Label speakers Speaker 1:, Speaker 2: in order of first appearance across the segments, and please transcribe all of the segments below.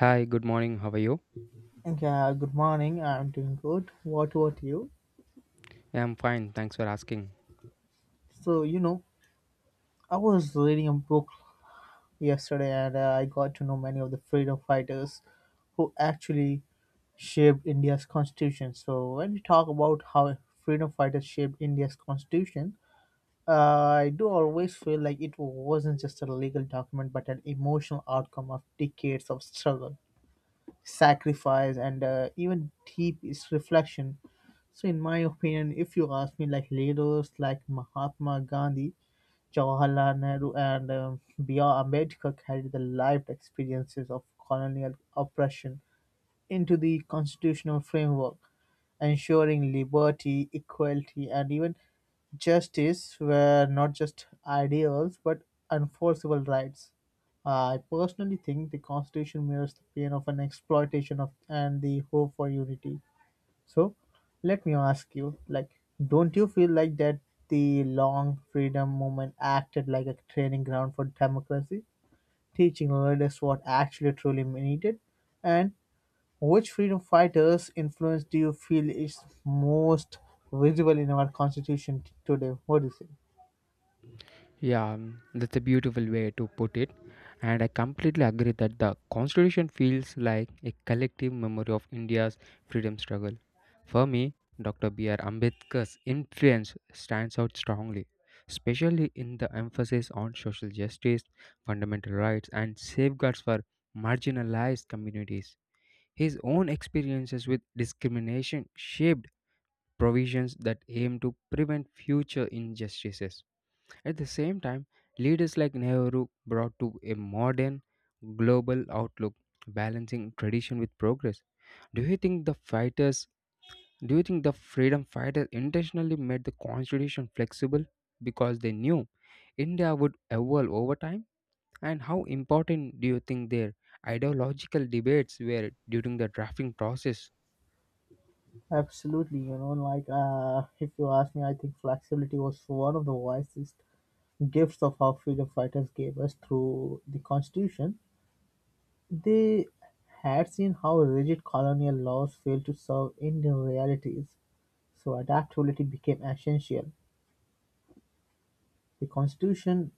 Speaker 1: Hi, good morning. How are you?
Speaker 2: Yeah, good morning. I'm doing good. What about you?
Speaker 1: Yeah, I'm fine. Thanks for asking.
Speaker 2: So, you know, I was reading a book yesterday and I got to know many of the freedom fighters who actually shaped India's constitution. So, when we talk about how freedom fighters shaped India's constitution, I do always feel like it wasn't just a legal document but an emotional outcome of decades of struggle, sacrifice, and even deep is reflection. So in my opinion, if you ask me, like, leaders like Mahatma Gandhi, Jawaharlal Nehru, and B.R. Ambedkar carried the lived experiences of colonial oppression into the constitutional framework, ensuring liberty, equality, and even justice were not just ideals but enforceable rights. I personally think the Constitution mirrors the pain of an exploitation of and the hope for unity. So, let me ask you, like, don't you feel like that the long freedom movement acted like a training ground for democracy, teaching leaders what actually truly needed, and which freedom fighters' influence do you feel is most visible in our constitution today? What do you say?
Speaker 1: Yeah, that's a beautiful way to put it. And I completely agree that the Constitution feels like a collective memory of India's freedom struggle. For me, Dr. B.R. Ambedkar's influence stands out strongly, especially in the emphasis on social justice, fundamental rights, and safeguards for marginalized communities. His own experiences with discrimination shaped provisions that aim to prevent future injustices. At the same time, leaders like Nehru brought to a modern global outlook, balancing tradition with progress. Do you think the fighters do you think the freedom fighters intentionally made the constitution flexible because they knew India would evolve over time? And how important do you think their ideological debates were during the drafting process?
Speaker 2: Absolutely, you know, like if you ask me, I think flexibility was one of the wisest gifts of our freedom fighters gave us through the constitution. They had seen how rigid colonial laws failed to serve Indian realities, so adaptability became essential. The constitution,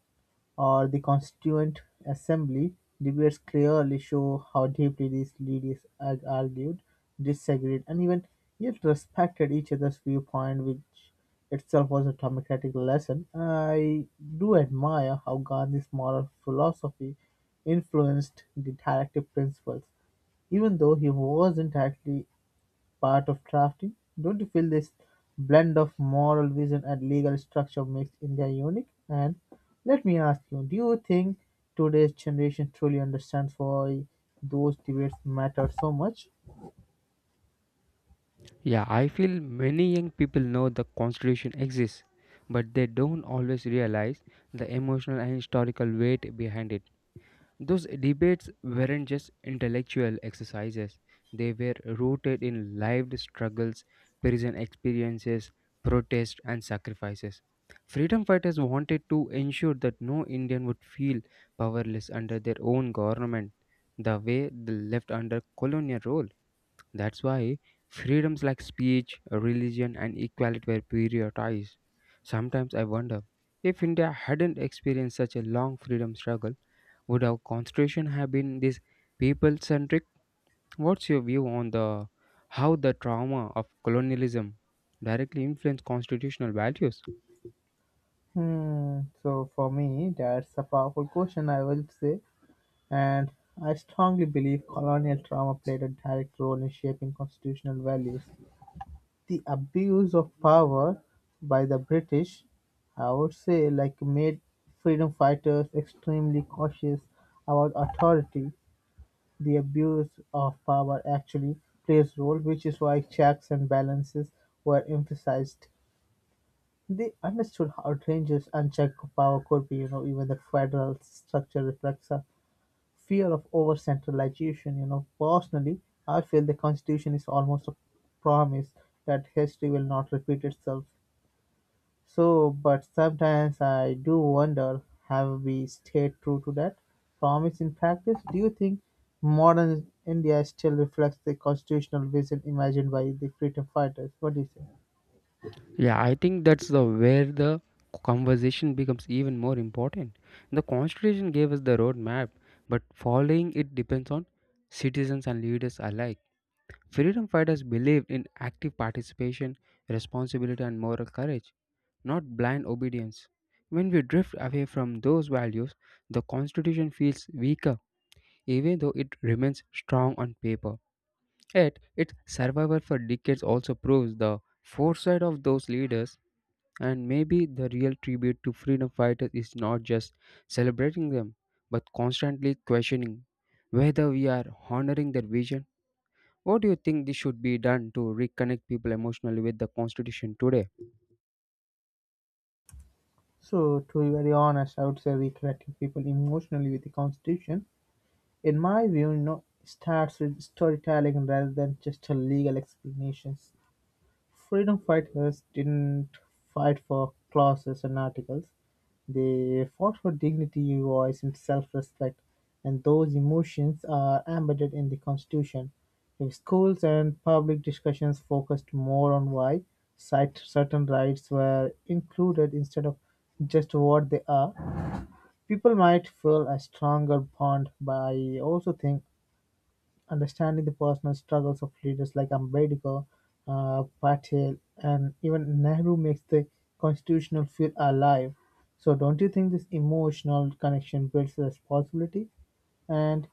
Speaker 2: or the Constituent Assembly, debates clearly show how deeply these leaders argued, disagreed, and even yet respected each other's viewpoint, which itself was a democratic lesson. I do admire how Gandhi's moral philosophy influenced the directive principles even though he wasn't actually part of drafting. Don't you feel this blend of moral vision and legal structure makes India unique? And let me ask you, do you think today's generation truly understands why those debates matter so much?
Speaker 1: Yeah, I feel many young people know the Constitution exists, but they don't always realize the emotional and historical weight behind it. Those debates weren't just intellectual exercises, they were rooted in lived struggles, prison experiences, protests, and sacrifices. Freedom fighters wanted to ensure that no Indian would feel powerless under their own government, the way they left under colonial rule. That's why freedoms like speech, religion, and equality were prioritized. Sometimes I wonder if India hadn't experienced such a long freedom struggle, would our constitution have been this people centric? What's your view on the how the trauma of colonialism directly influenced constitutional values?
Speaker 2: Hmm. So for me, that's a powerful question, I will say, and I strongly believe colonial trauma played a direct role in shaping constitutional values. The abuse of power by the British, I would say, like made freedom fighters extremely cautious about authority. The abuse of power actually plays a role, which is why checks and balances were emphasized. They understood how dangerous unchecked power could be. You know, even the federal structure reflects a fear of over centralization. You know, personally, I feel the Constitution is almost a promise that history will not repeat itself. So, but sometimes I do wonder, have we stayed true to that promise in practice? Do you think modern India still reflects the constitutional vision imagined by the freedom fighters? What do you say?
Speaker 1: Yeah, I think that's the where the conversation becomes even more important. The Constitution gave us the roadmap, but following it depends on citizens and leaders alike. Freedom fighters believed in active participation, responsibility, and moral courage, not blind obedience. When we drift away from those values, the Constitution feels weaker, even though it remains strong on paper. Yet, its survival for decades also proves the foresight of those leaders, and maybe the real tribute to freedom fighters is not just celebrating them, but constantly questioning whether we are honoring their vision. What do you think this should be done to reconnect people emotionally with the Constitution today?
Speaker 2: So, to be very honest, I would say reconnecting people emotionally with the constitution, in my view, no, starts with storytelling rather than just a legal explanations. Freedom fighters didn't fight for clauses and articles; they fought for dignity, voice, and self-respect, and those emotions are embedded in the Constitution. If schools and public discussions focused more on why cite certain rights were included instead of just what they are, people might feel a stronger bond. But I also think understanding the personal struggles of leaders like Ambedkar, Patel, and even Nehru makes the constitutional feel alive. So, don't you think this emotional connection builds responsibility? And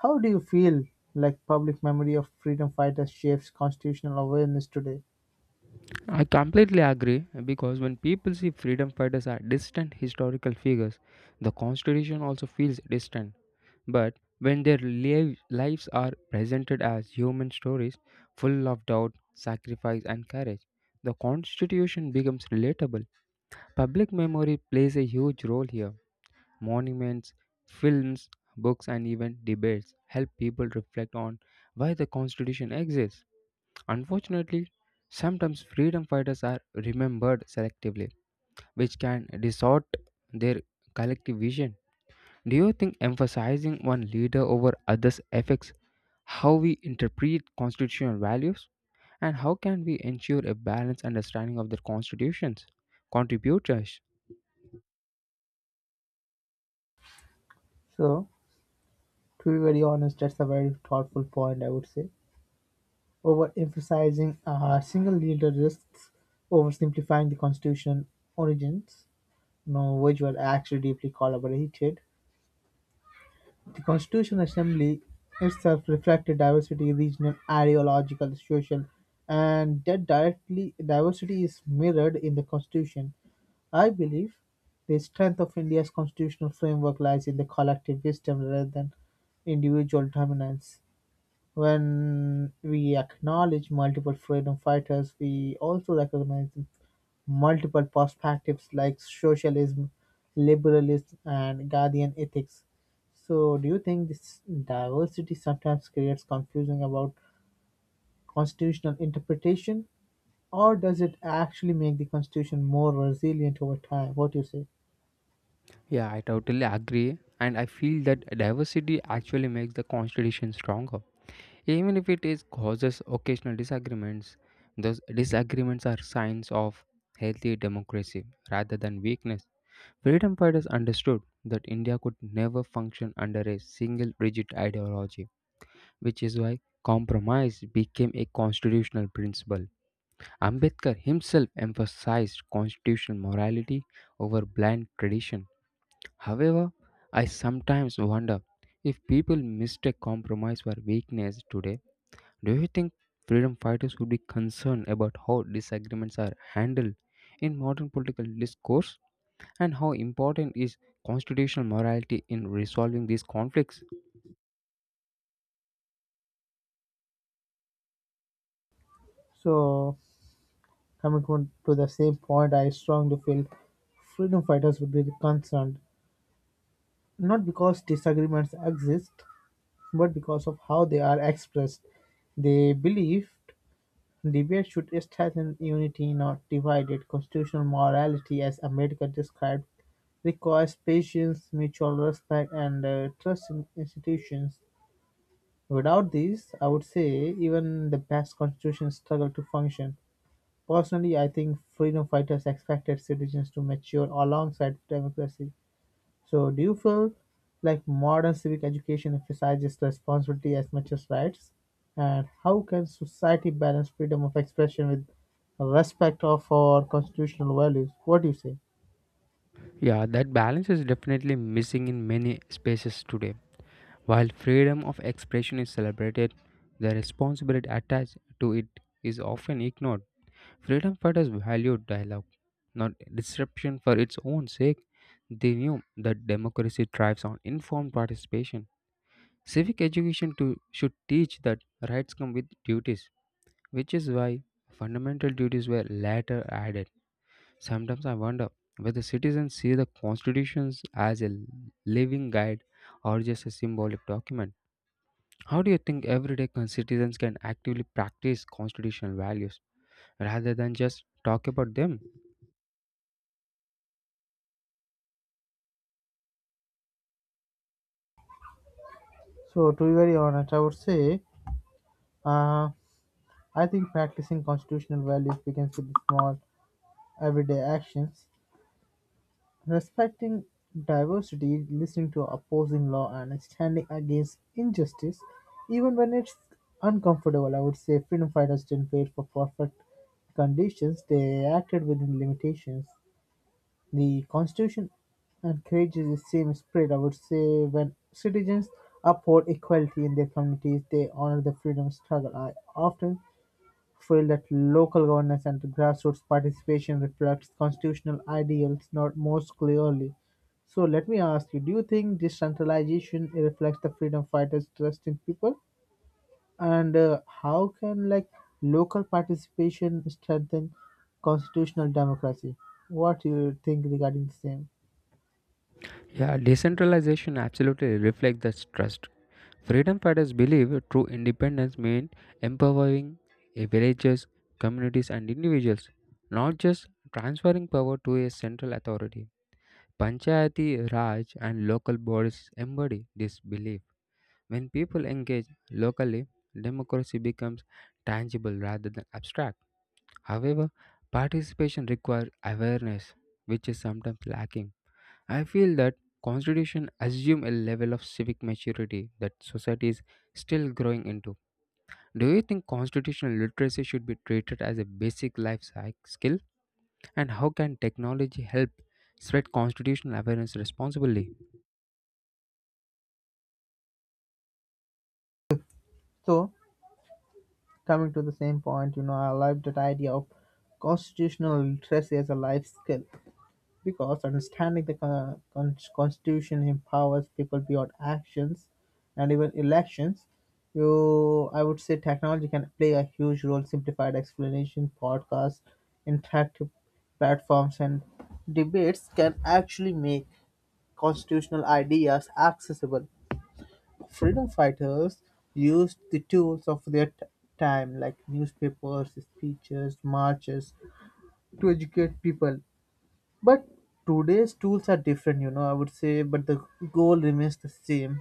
Speaker 2: how do you feel like public memory of freedom fighters shapes constitutional awareness today?
Speaker 1: I completely agree because when people see freedom fighters as distant historical figures, the constitution also feels distant. But when their lives are presented as human stories full of doubt, sacrifice, and courage, the constitution becomes relatable. Public memory plays a huge role here. Monuments, films, books, and even debates help people reflect on why the constitution exists. Unfortunately, sometimes freedom fighters are remembered selectively, which can distort their collective vision. Do you think emphasizing one leader over others affects how we interpret constitutional values? And how can we ensure a balanced understanding of their constitutions? Contributors.
Speaker 2: So, to be very honest, that's a very thoughtful point, I would say. Overemphasizing a single leader risks oversimplifying the constitution origins. No, which were actually deeply collaborated, the Constituent Assembly itself reflected diversity, regional, ideological, social, and that directly diversity is mirrored in the Constitution. I believe the strength of India's constitutional framework lies in the collective wisdom rather than individual dominance. When we acknowledge multiple freedom fighters, we also recognize multiple perspectives like socialism, liberalism, and guardian ethics. So, do you think this diversity sometimes creates confusion about constitutional interpretation, or does it actually make the constitution more resilient over time? What do you say?
Speaker 1: Yeah, I totally agree. And I feel that diversity actually makes the constitution stronger. Even if it is causes occasional disagreements, those disagreements are signs of healthy democracy rather than weakness. Freedom fighters understood that India could never function under a single rigid ideology, which is why compromise became a constitutional principle. Ambedkar himself emphasized constitutional morality over blind tradition. However, I sometimes wonder if people mistake compromise for weakness today. Do you think freedom fighters would be concerned about how disagreements are handled in modern political discourse, and how important is constitutional morality in resolving these conflicts?
Speaker 2: So, coming on to the same point, I strongly feel freedom fighters would be concerned not because disagreements exist, but because of how they are expressed. They believed debate should strengthen unity, not divide it. Constitutional morality, as America described, requires patience, mutual respect, and trust in institutions. Without these, I would say even the best constitutions struggle to function. Personally, I think freedom fighters expected citizens to mature alongside democracy. So, do you feel like modern civic education emphasizes responsibility as much as rights? And how can society balance freedom of expression with respect of our constitutional values? What do you say?
Speaker 1: Yeah, that balance is definitely missing in many spaces today. While freedom of expression is celebrated, the responsibility attached to it is often ignored. Freedom fighters valued dialogue, not disruption for its own sake. They knew that democracy thrives on informed participation. Civic education too should teach that rights come with duties, which is why fundamental duties were later added. Sometimes I wonder whether citizens see the constitutions as a living guide or just a symbolic document. How do you think everyday citizens can actively practice constitutional values rather than just talk about them?
Speaker 2: So, to be very honest, I would say uh, I think practicing constitutional values begins with small everyday actions: respecting diversity, listening to opposing law, and standing against injustice, even when it's uncomfortable. I would say freedom fighters didn't wait for perfect conditions, they acted within limitations. The Constitution encourages the same spirit. I would say when citizens uphold equality in their communities, they honor the freedom struggle. I often feel that local governance and grassroots participation reflects constitutional ideals not most clearly. So let me ask you, do you think decentralization reflects the freedom fighters' trust in people? And how can, like, local participation strengthen constitutional democracy? What do you think regarding the same?
Speaker 1: Yeah, decentralization absolutely reflects this trust. Freedom fighters believe true independence means empowering a villages, communities, and individuals, not just transferring power to a central authority. Panchayati Raj and local bodies embody this belief. When people engage locally, democracy becomes tangible rather than abstract. However, participation requires awareness, which is sometimes lacking. I feel that constitution assume a level of civic maturity that society is still growing into. Do you think constitutional literacy should be treated as a basic life skill, and how can technology help spread constitutional awareness responsibly?
Speaker 2: So coming to the same point, you know, I like that idea of constitutional literacy as a life skill, because understanding the Constitution empowers people beyond actions and even elections. You, I would say, technology can play a huge role. Simplified explanation, podcasts, interactive platforms, and debates can actually make constitutional ideas accessible. Freedom fighters used the tools of their time, like newspapers, speeches, marches, to educate people, but today's tools are different, you know, I would say, but the goal remains the same.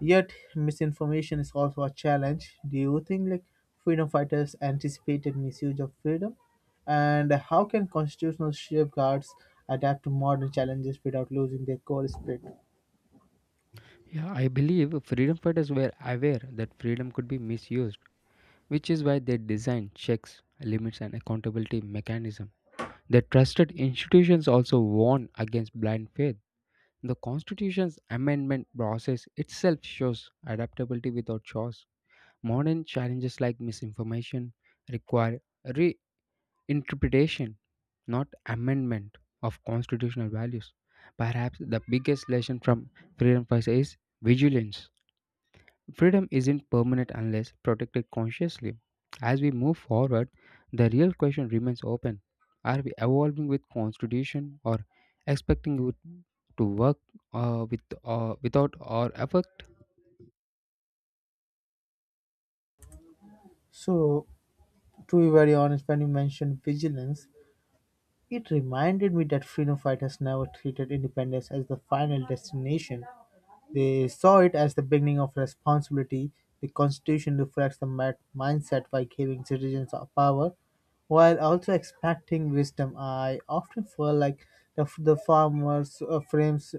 Speaker 2: Yet, misinformation is also a challenge. Do you think, like, freedom fighters anticipated misuse of freedom? And how can constitutional safeguards adapt to modern challenges without losing their core spirit?
Speaker 1: Yeah, I believe freedom fighters were aware that freedom could be misused, which is why they designed checks, limits and accountability mechanism. The trusted institutions also warn against blind faith. The Constitution's amendment process itself shows adaptability without chores. Modern challenges like misinformation require reinterpretation, not amendment of constitutional values. Perhaps the biggest lesson from Freedom Fights is vigilance. Freedom isn't permanent unless protected consciously. As we move forward, the real question remains open. Are we evolving with constitution or expecting it to work, with without our effort?
Speaker 2: So, to be very honest, when you mentioned vigilance, it reminded me that freedom fighters never treated independence as the final destination. They saw it as the beginning of responsibility. The Constitution reflects the mindset by giving citizens of power while also expecting wisdom. I often feel like the farmers' frames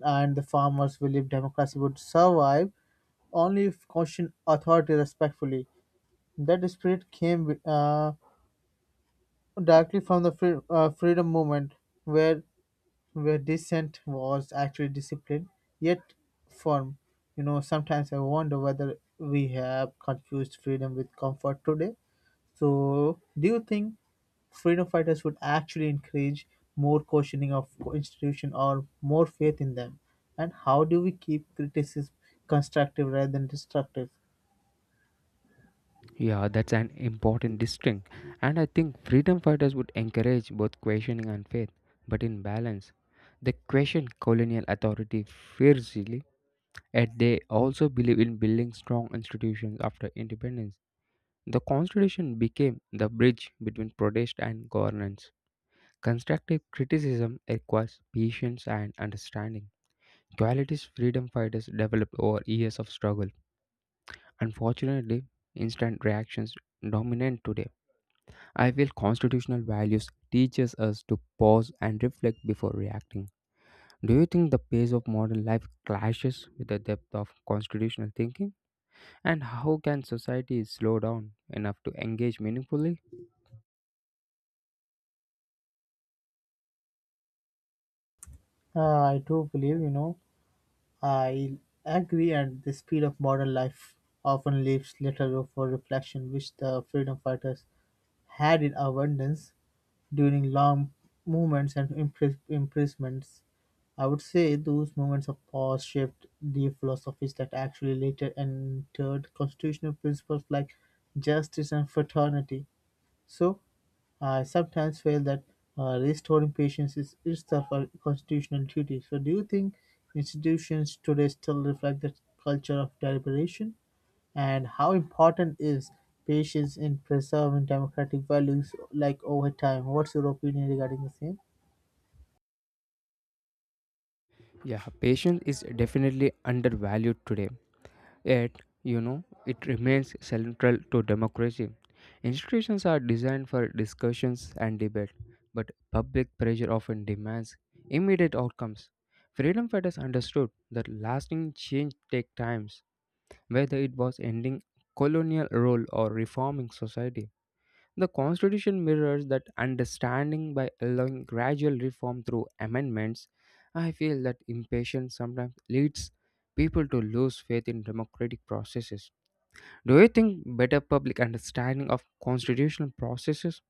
Speaker 2: and the farmers believe democracy would survive only if caution authority respectfully. That spirit came directly from the freedom movement, where dissent was actually disciplined, yet firm. You know, sometimes I wonder whether we have confused freedom with comfort today. So, do you think freedom fighters would actually encourage more questioning of institution or more faith in them? And how do we keep criticism constructive rather than destructive?
Speaker 1: Yeah, that's an important distinction. And I think freedom fighters would encourage both questioning and faith, but in balance. They question colonial authority fiercely, yet they also believe in building strong institutions after independence. The Constitution became the bridge between protest and governance. Constructive criticism requires patience and understanding, qualities freedom fighters developed over years of struggle. Unfortunately, instant reactions dominate today. I feel constitutional values teaches us to pause and reflect before reacting. Do you think the pace of modern life clashes with the depth of constitutional thinking? And how can society slow down enough to engage meaningfully?
Speaker 2: I do believe, you know, I agree, and the speed of modern life often leaves little room for reflection, which the freedom fighters had in abundance during long movements and imprisonments. I would say those moments of pause shaped the philosophies that actually later entered constitutional principles like justice and fraternity. So, I sometimes feel that restoring patience is itself a constitutional duty. So, do you think institutions today still reflect that culture of deliberation? And how important is patience in preserving democratic values like over time? What's your opinion regarding the same?
Speaker 1: Yeah, patience is definitely undervalued today. Yet, you know, it remains central to democracy. Institutions are designed for discussions and debate, but public pressure often demands immediate outcomes. Freedom fighters understood that lasting change takes time, whether it was ending colonial rule or reforming society. The Constitution mirrors that understanding by allowing gradual reform through amendments. I feel that impatience sometimes leads people to lose faith in democratic processes. Do you think better public understanding of constitutional processes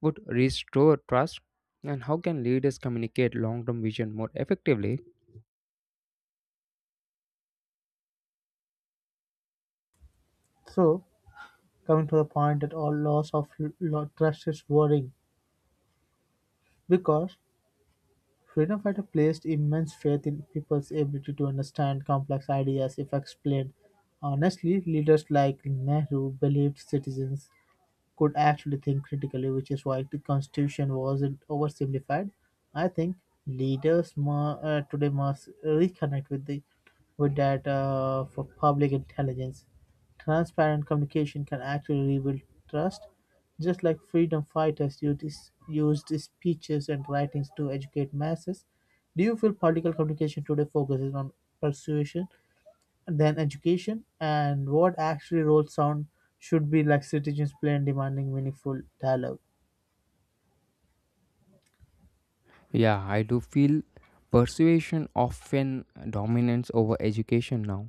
Speaker 1: would restore trust? And how can leaders communicate long term vision more effectively?
Speaker 2: So coming to the point that all loss of trust is worrying because freedom fighter placed immense faith in people's ability to understand complex ideas if explained honestly. Leaders like Nehru believed citizens could actually think critically, which is why the constitution wasn't oversimplified. I think leaders mu today must reconnect with the with that for public intelligence. Transparent communication can actually rebuild trust, just like freedom fighters used speeches and writings to educate masses. Do you feel political communication today focuses on persuasion then education, and what actually roles sound should be like citizens play in demanding meaningful dialogue?
Speaker 1: Yeah, I do feel persuasion often dominates over education now,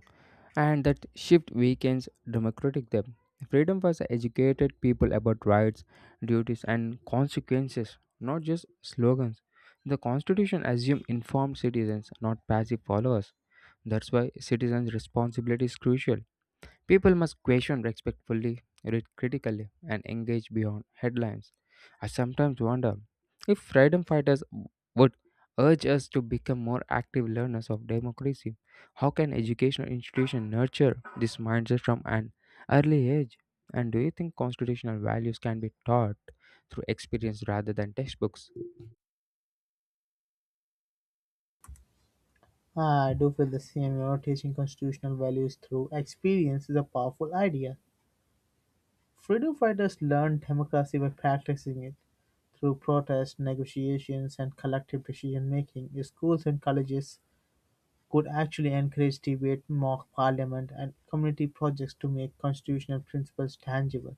Speaker 1: and that shift weakens democratic them. Freedom was educated people about rights, duties, and consequences, not just slogans. The Constitution assumed informed citizens, not passive followers. That's why citizens' responsibility is crucial. People must question respectfully, read critically, and engage beyond headlines. I sometimes wonder if freedom fighters would urge us to become more active learners of democracy. How can educational institutions nurture this mindset from an early age? And do you think constitutional values can be taught through experience rather than textbooks?
Speaker 2: I do feel the same, you know, teaching constitutional values through experience is a powerful idea. Freedom fighters learned democracy by practicing it through protests, negotiations, and collective decision making. Schools and colleges could actually encourage debate, mock parliament, and community projects to make constitutional principles tangible.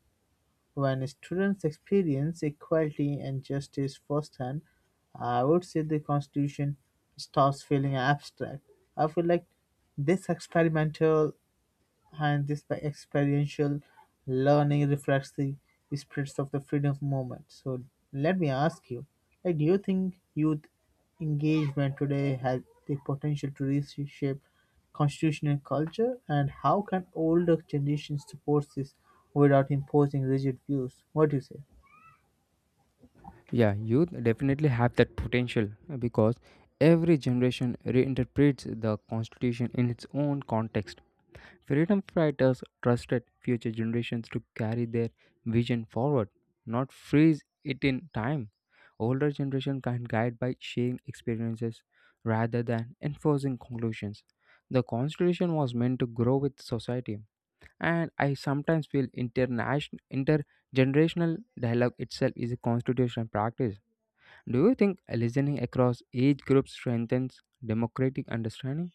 Speaker 2: When students experience equality and justice firsthand, I would say the Constitution stops feeling abstract. I feel like this experimental and this by experiential learning reflects the spirits of the freedom movement. So let me ask you, like, do you think youth engagement today has the potential to reshape constitutional culture, and how can older generations support this without imposing rigid views? What do you say?
Speaker 1: Yeah, youth definitely have that potential because every generation reinterprets the constitution in its own context. Freedom fighters trusted future generations to carry their vision forward, not freeze it in time. Older generation can guide by sharing experiences rather than enforcing conclusions. The constitution was meant to grow with society, and I sometimes feel international intergenerational dialogue itself is a constitutional practice. Do you think listening across age groups strengthens democratic understanding?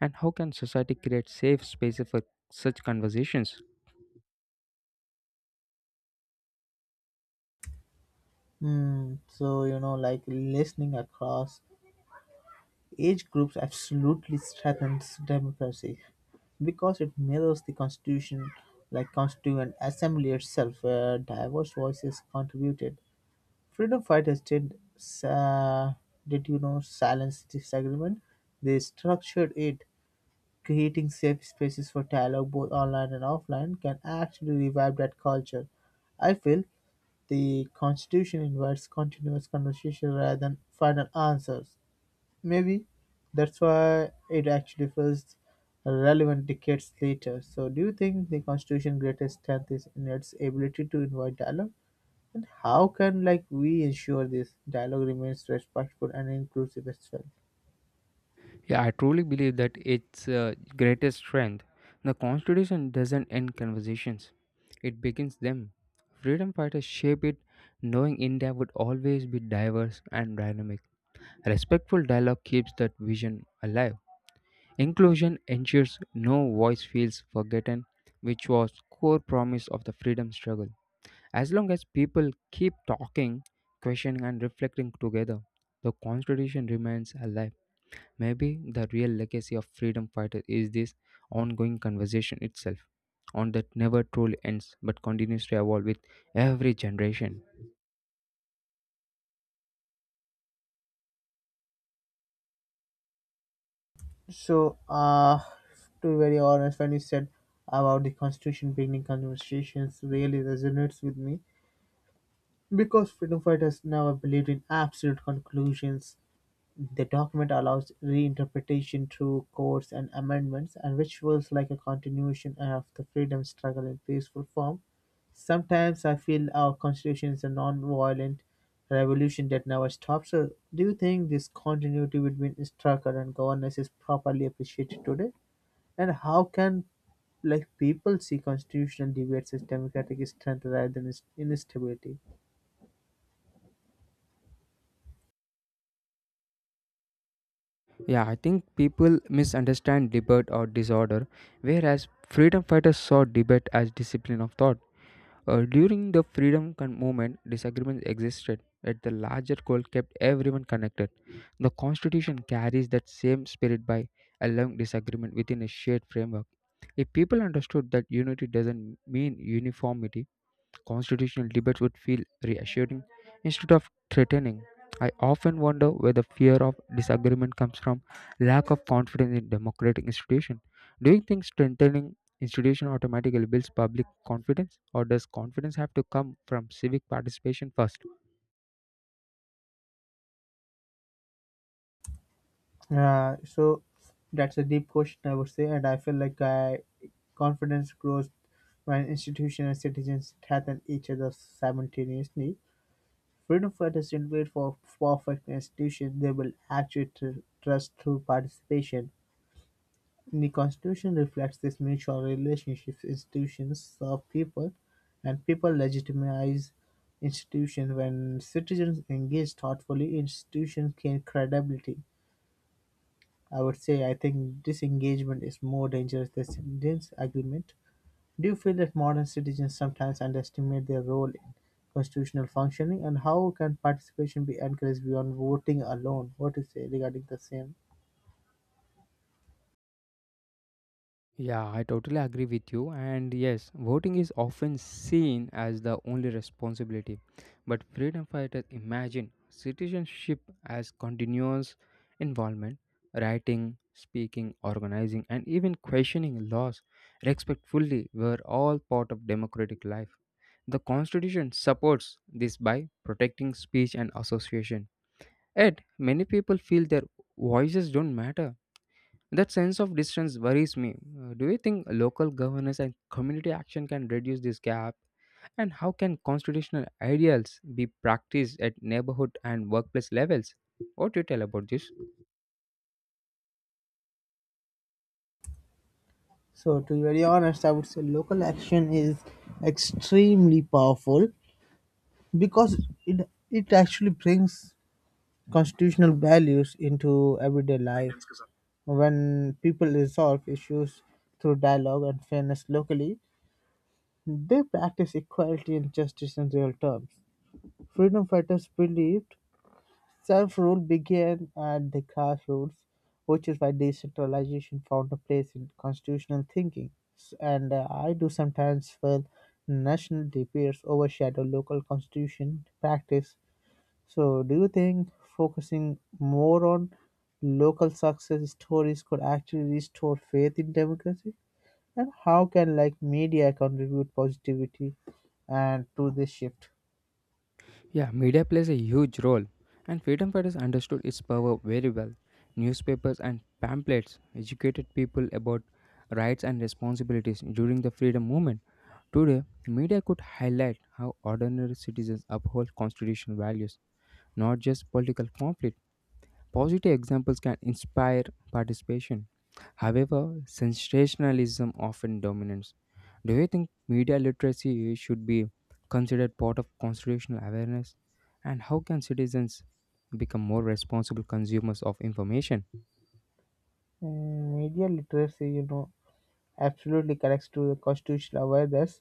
Speaker 1: And how can society create safe spaces for such conversations?
Speaker 2: Hmm. So you know, like, listening across age groups absolutely strengthens democracy because it mirrors the constitution like constituent assembly itself where diverse voices contributed. Freedom fighters did uh, did, you know, silence disagreement, they structured it. Creating safe spaces for dialogue both online and offline can actually revive that culture. I feel the constitution invites continuous conversation rather than final answers. Maybe that's why it actually feels relevant decades later. So, do you think the Constitution's greatest strength is in its ability to invite dialogue? And how can, like, we ensure this dialogue remains respectful and inclusive as well?
Speaker 1: Yeah, I truly believe that its greatest strength. The Constitution doesn't end conversations, it begins them. Freedom fighters shape it, knowing India would always be diverse and dynamic. Respectful dialogue keeps that vision alive. Inclusion ensures no voice feels forgotten, which was core promise of the freedom struggle. As long as people keep talking, questioning, and reflecting together, the Constitution remains alive. Maybe the real legacy of freedom fighters is this ongoing conversation itself, on that never truly ends but continues to evolve with every generation.
Speaker 2: So, to be very honest, when you said about the Constitution beginning conversations, really resonates with me because freedom fighters never believed in absolute conclusions. The document allows reinterpretation through codes and amendments, and which feels like a continuation of the freedom struggle in peaceful form. Sometimes I feel our constitution is a non-violent revolution that never stops. So, do you think this continuity between struggle and governance is properly appreciated today? And how can, like, people see constitutional debates as democratic strength rather than instability?
Speaker 1: Yeah, I think people misunderstand debate or disorder, whereas freedom fighters saw debate as discipline of thought. During the freedom movement, disagreements existed at the larger goal kept everyone connected. The constitution carries that same spirit by allowing disagreement within a shared framework. If people understood that unity doesn't mean uniformity, constitutional debates would feel reassuring instead of threatening. I often wonder where the fear of disagreement comes from lack of confidence in democratic institutions. Do you think strengthening institution automatically builds public confidence, or does confidence have to come from civic participation first?
Speaker 2: Yeah, so that's a deep question, I would say, and I feel like I confidence grows when institutions and citizens threaten each other simultaneously. Freedom fighters didn't wait for perfect institutions; they will actuate trust through participation. The Constitution reflects this mutual relationship. Institutions serve people, and people legitimize institutions. When citizens engage thoughtfully, institutions gain credibility. I would say I think disengagement is more dangerous than disagreement. Do you feel that modern citizens sometimes underestimate their role in constitutional functioning, and how can participation be encouraged beyond voting alone? What do you say regarding the same?
Speaker 1: Yeah, I totally agree with you. And yes, voting is often seen as the only responsibility. But freedom fighters imagine citizenship as continuous involvement, writing, speaking, organizing, and even questioning laws respectfully were all part of democratic life. The Constitution supports this by protecting speech and association. Yet, many people feel their voices don't matter, that sense of distance worries me. Do you think local governance and community action can reduce this gap? And how can constitutional ideals be practiced at neighborhood and workplace levels? What do you tell about this?
Speaker 2: So, to be very honest, I would say local action is extremely powerful because it actually brings constitutional values into everyday life. When people resolve issues through dialogue and fairness locally, they practice equality and justice in real terms. Freedom fighters believed self rule began at the grassroots, which is why decentralization found a place in constitutional thinking. S- And I do sometimes feel national debates overshadow local constitution practice. So, do you think focusing more on local success stories could actually restore faith in democracy? And how can, like, media contribute positivity and to this shift?
Speaker 1: Yeah, media plays a huge role, and freedom fighters understood its power very well. Newspapers and pamphlets educated people about rights and responsibilities during the freedom movement. Today, media could highlight how ordinary citizens uphold constitutional values, not just political conflict. Positive examples can inspire participation. However, sensationalism often dominates. Do you think media literacy should be considered part of constitutional awareness? And how can citizens become more responsible consumers of information?
Speaker 2: Mm, media literacy, you know, absolutely connects to the constitutional awareness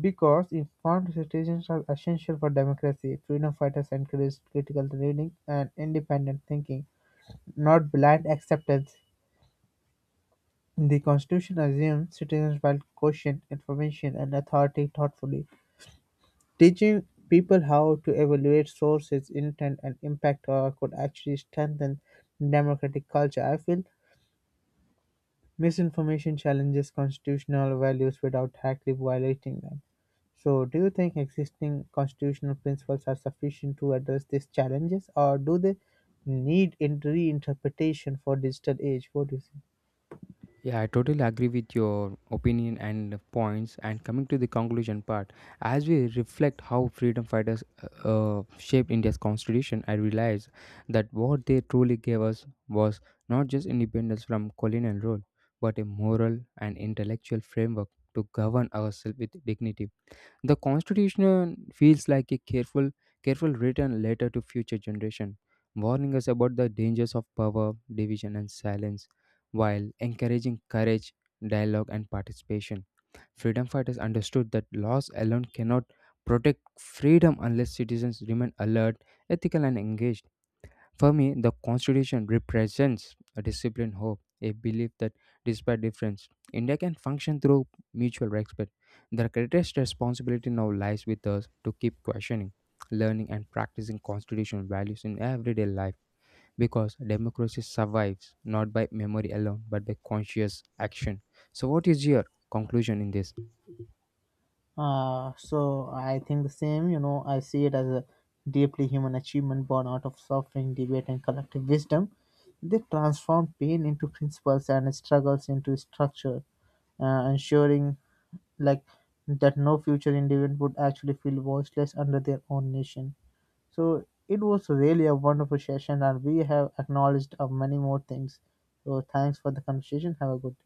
Speaker 2: because informed citizens are essential for democracy. Freedom fighters encouraged critical reading and independent thinking, not blind acceptance. The Constitution assumes citizens will question information and authority thoughtfully. Teaching people how to evaluate sources, intent, and impact could actually strengthen democratic culture. I feel misinformation challenges constitutional values without directly violating them. So, do you think existing constitutional principles are sufficient to address these challenges, or do they need reinterpretation for digital age? What do you think?
Speaker 1: Yeah, I totally agree with your opinion and points. And coming to the conclusion part, as we reflect how freedom fighters shaped India's constitution, I realize that what they truly gave us was not just independence from colonial rule, but a moral and intellectual framework to govern ourselves with dignity. The Constitution feels like a careful written letter to future generation, warning us about the dangers of power, division, and silence, while encouraging courage, dialogue, and participation. Freedom fighters understood that laws alone cannot protect freedom unless citizens remain alert, ethical, and engaged. For me, the Constitution represents a disciplined hope, a belief that despite difference, India can function through mutual respect. The greatest responsibility now lies with us to keep questioning, learning, and practicing constitutional values in everyday life because democracy survives not by memory alone but by conscious action. So, what is your conclusion in this?
Speaker 2: So I think the same, you know, I see it as a deeply human achievement born out of suffering, debate, and collective wisdom. They transform pain into principles and struggles into structure, ensuring like that no future individual would actually feel voiceless under their own nation. So it was really a wonderful session, and we have acknowledged many more things. So thanks for the conversation. Have a good day.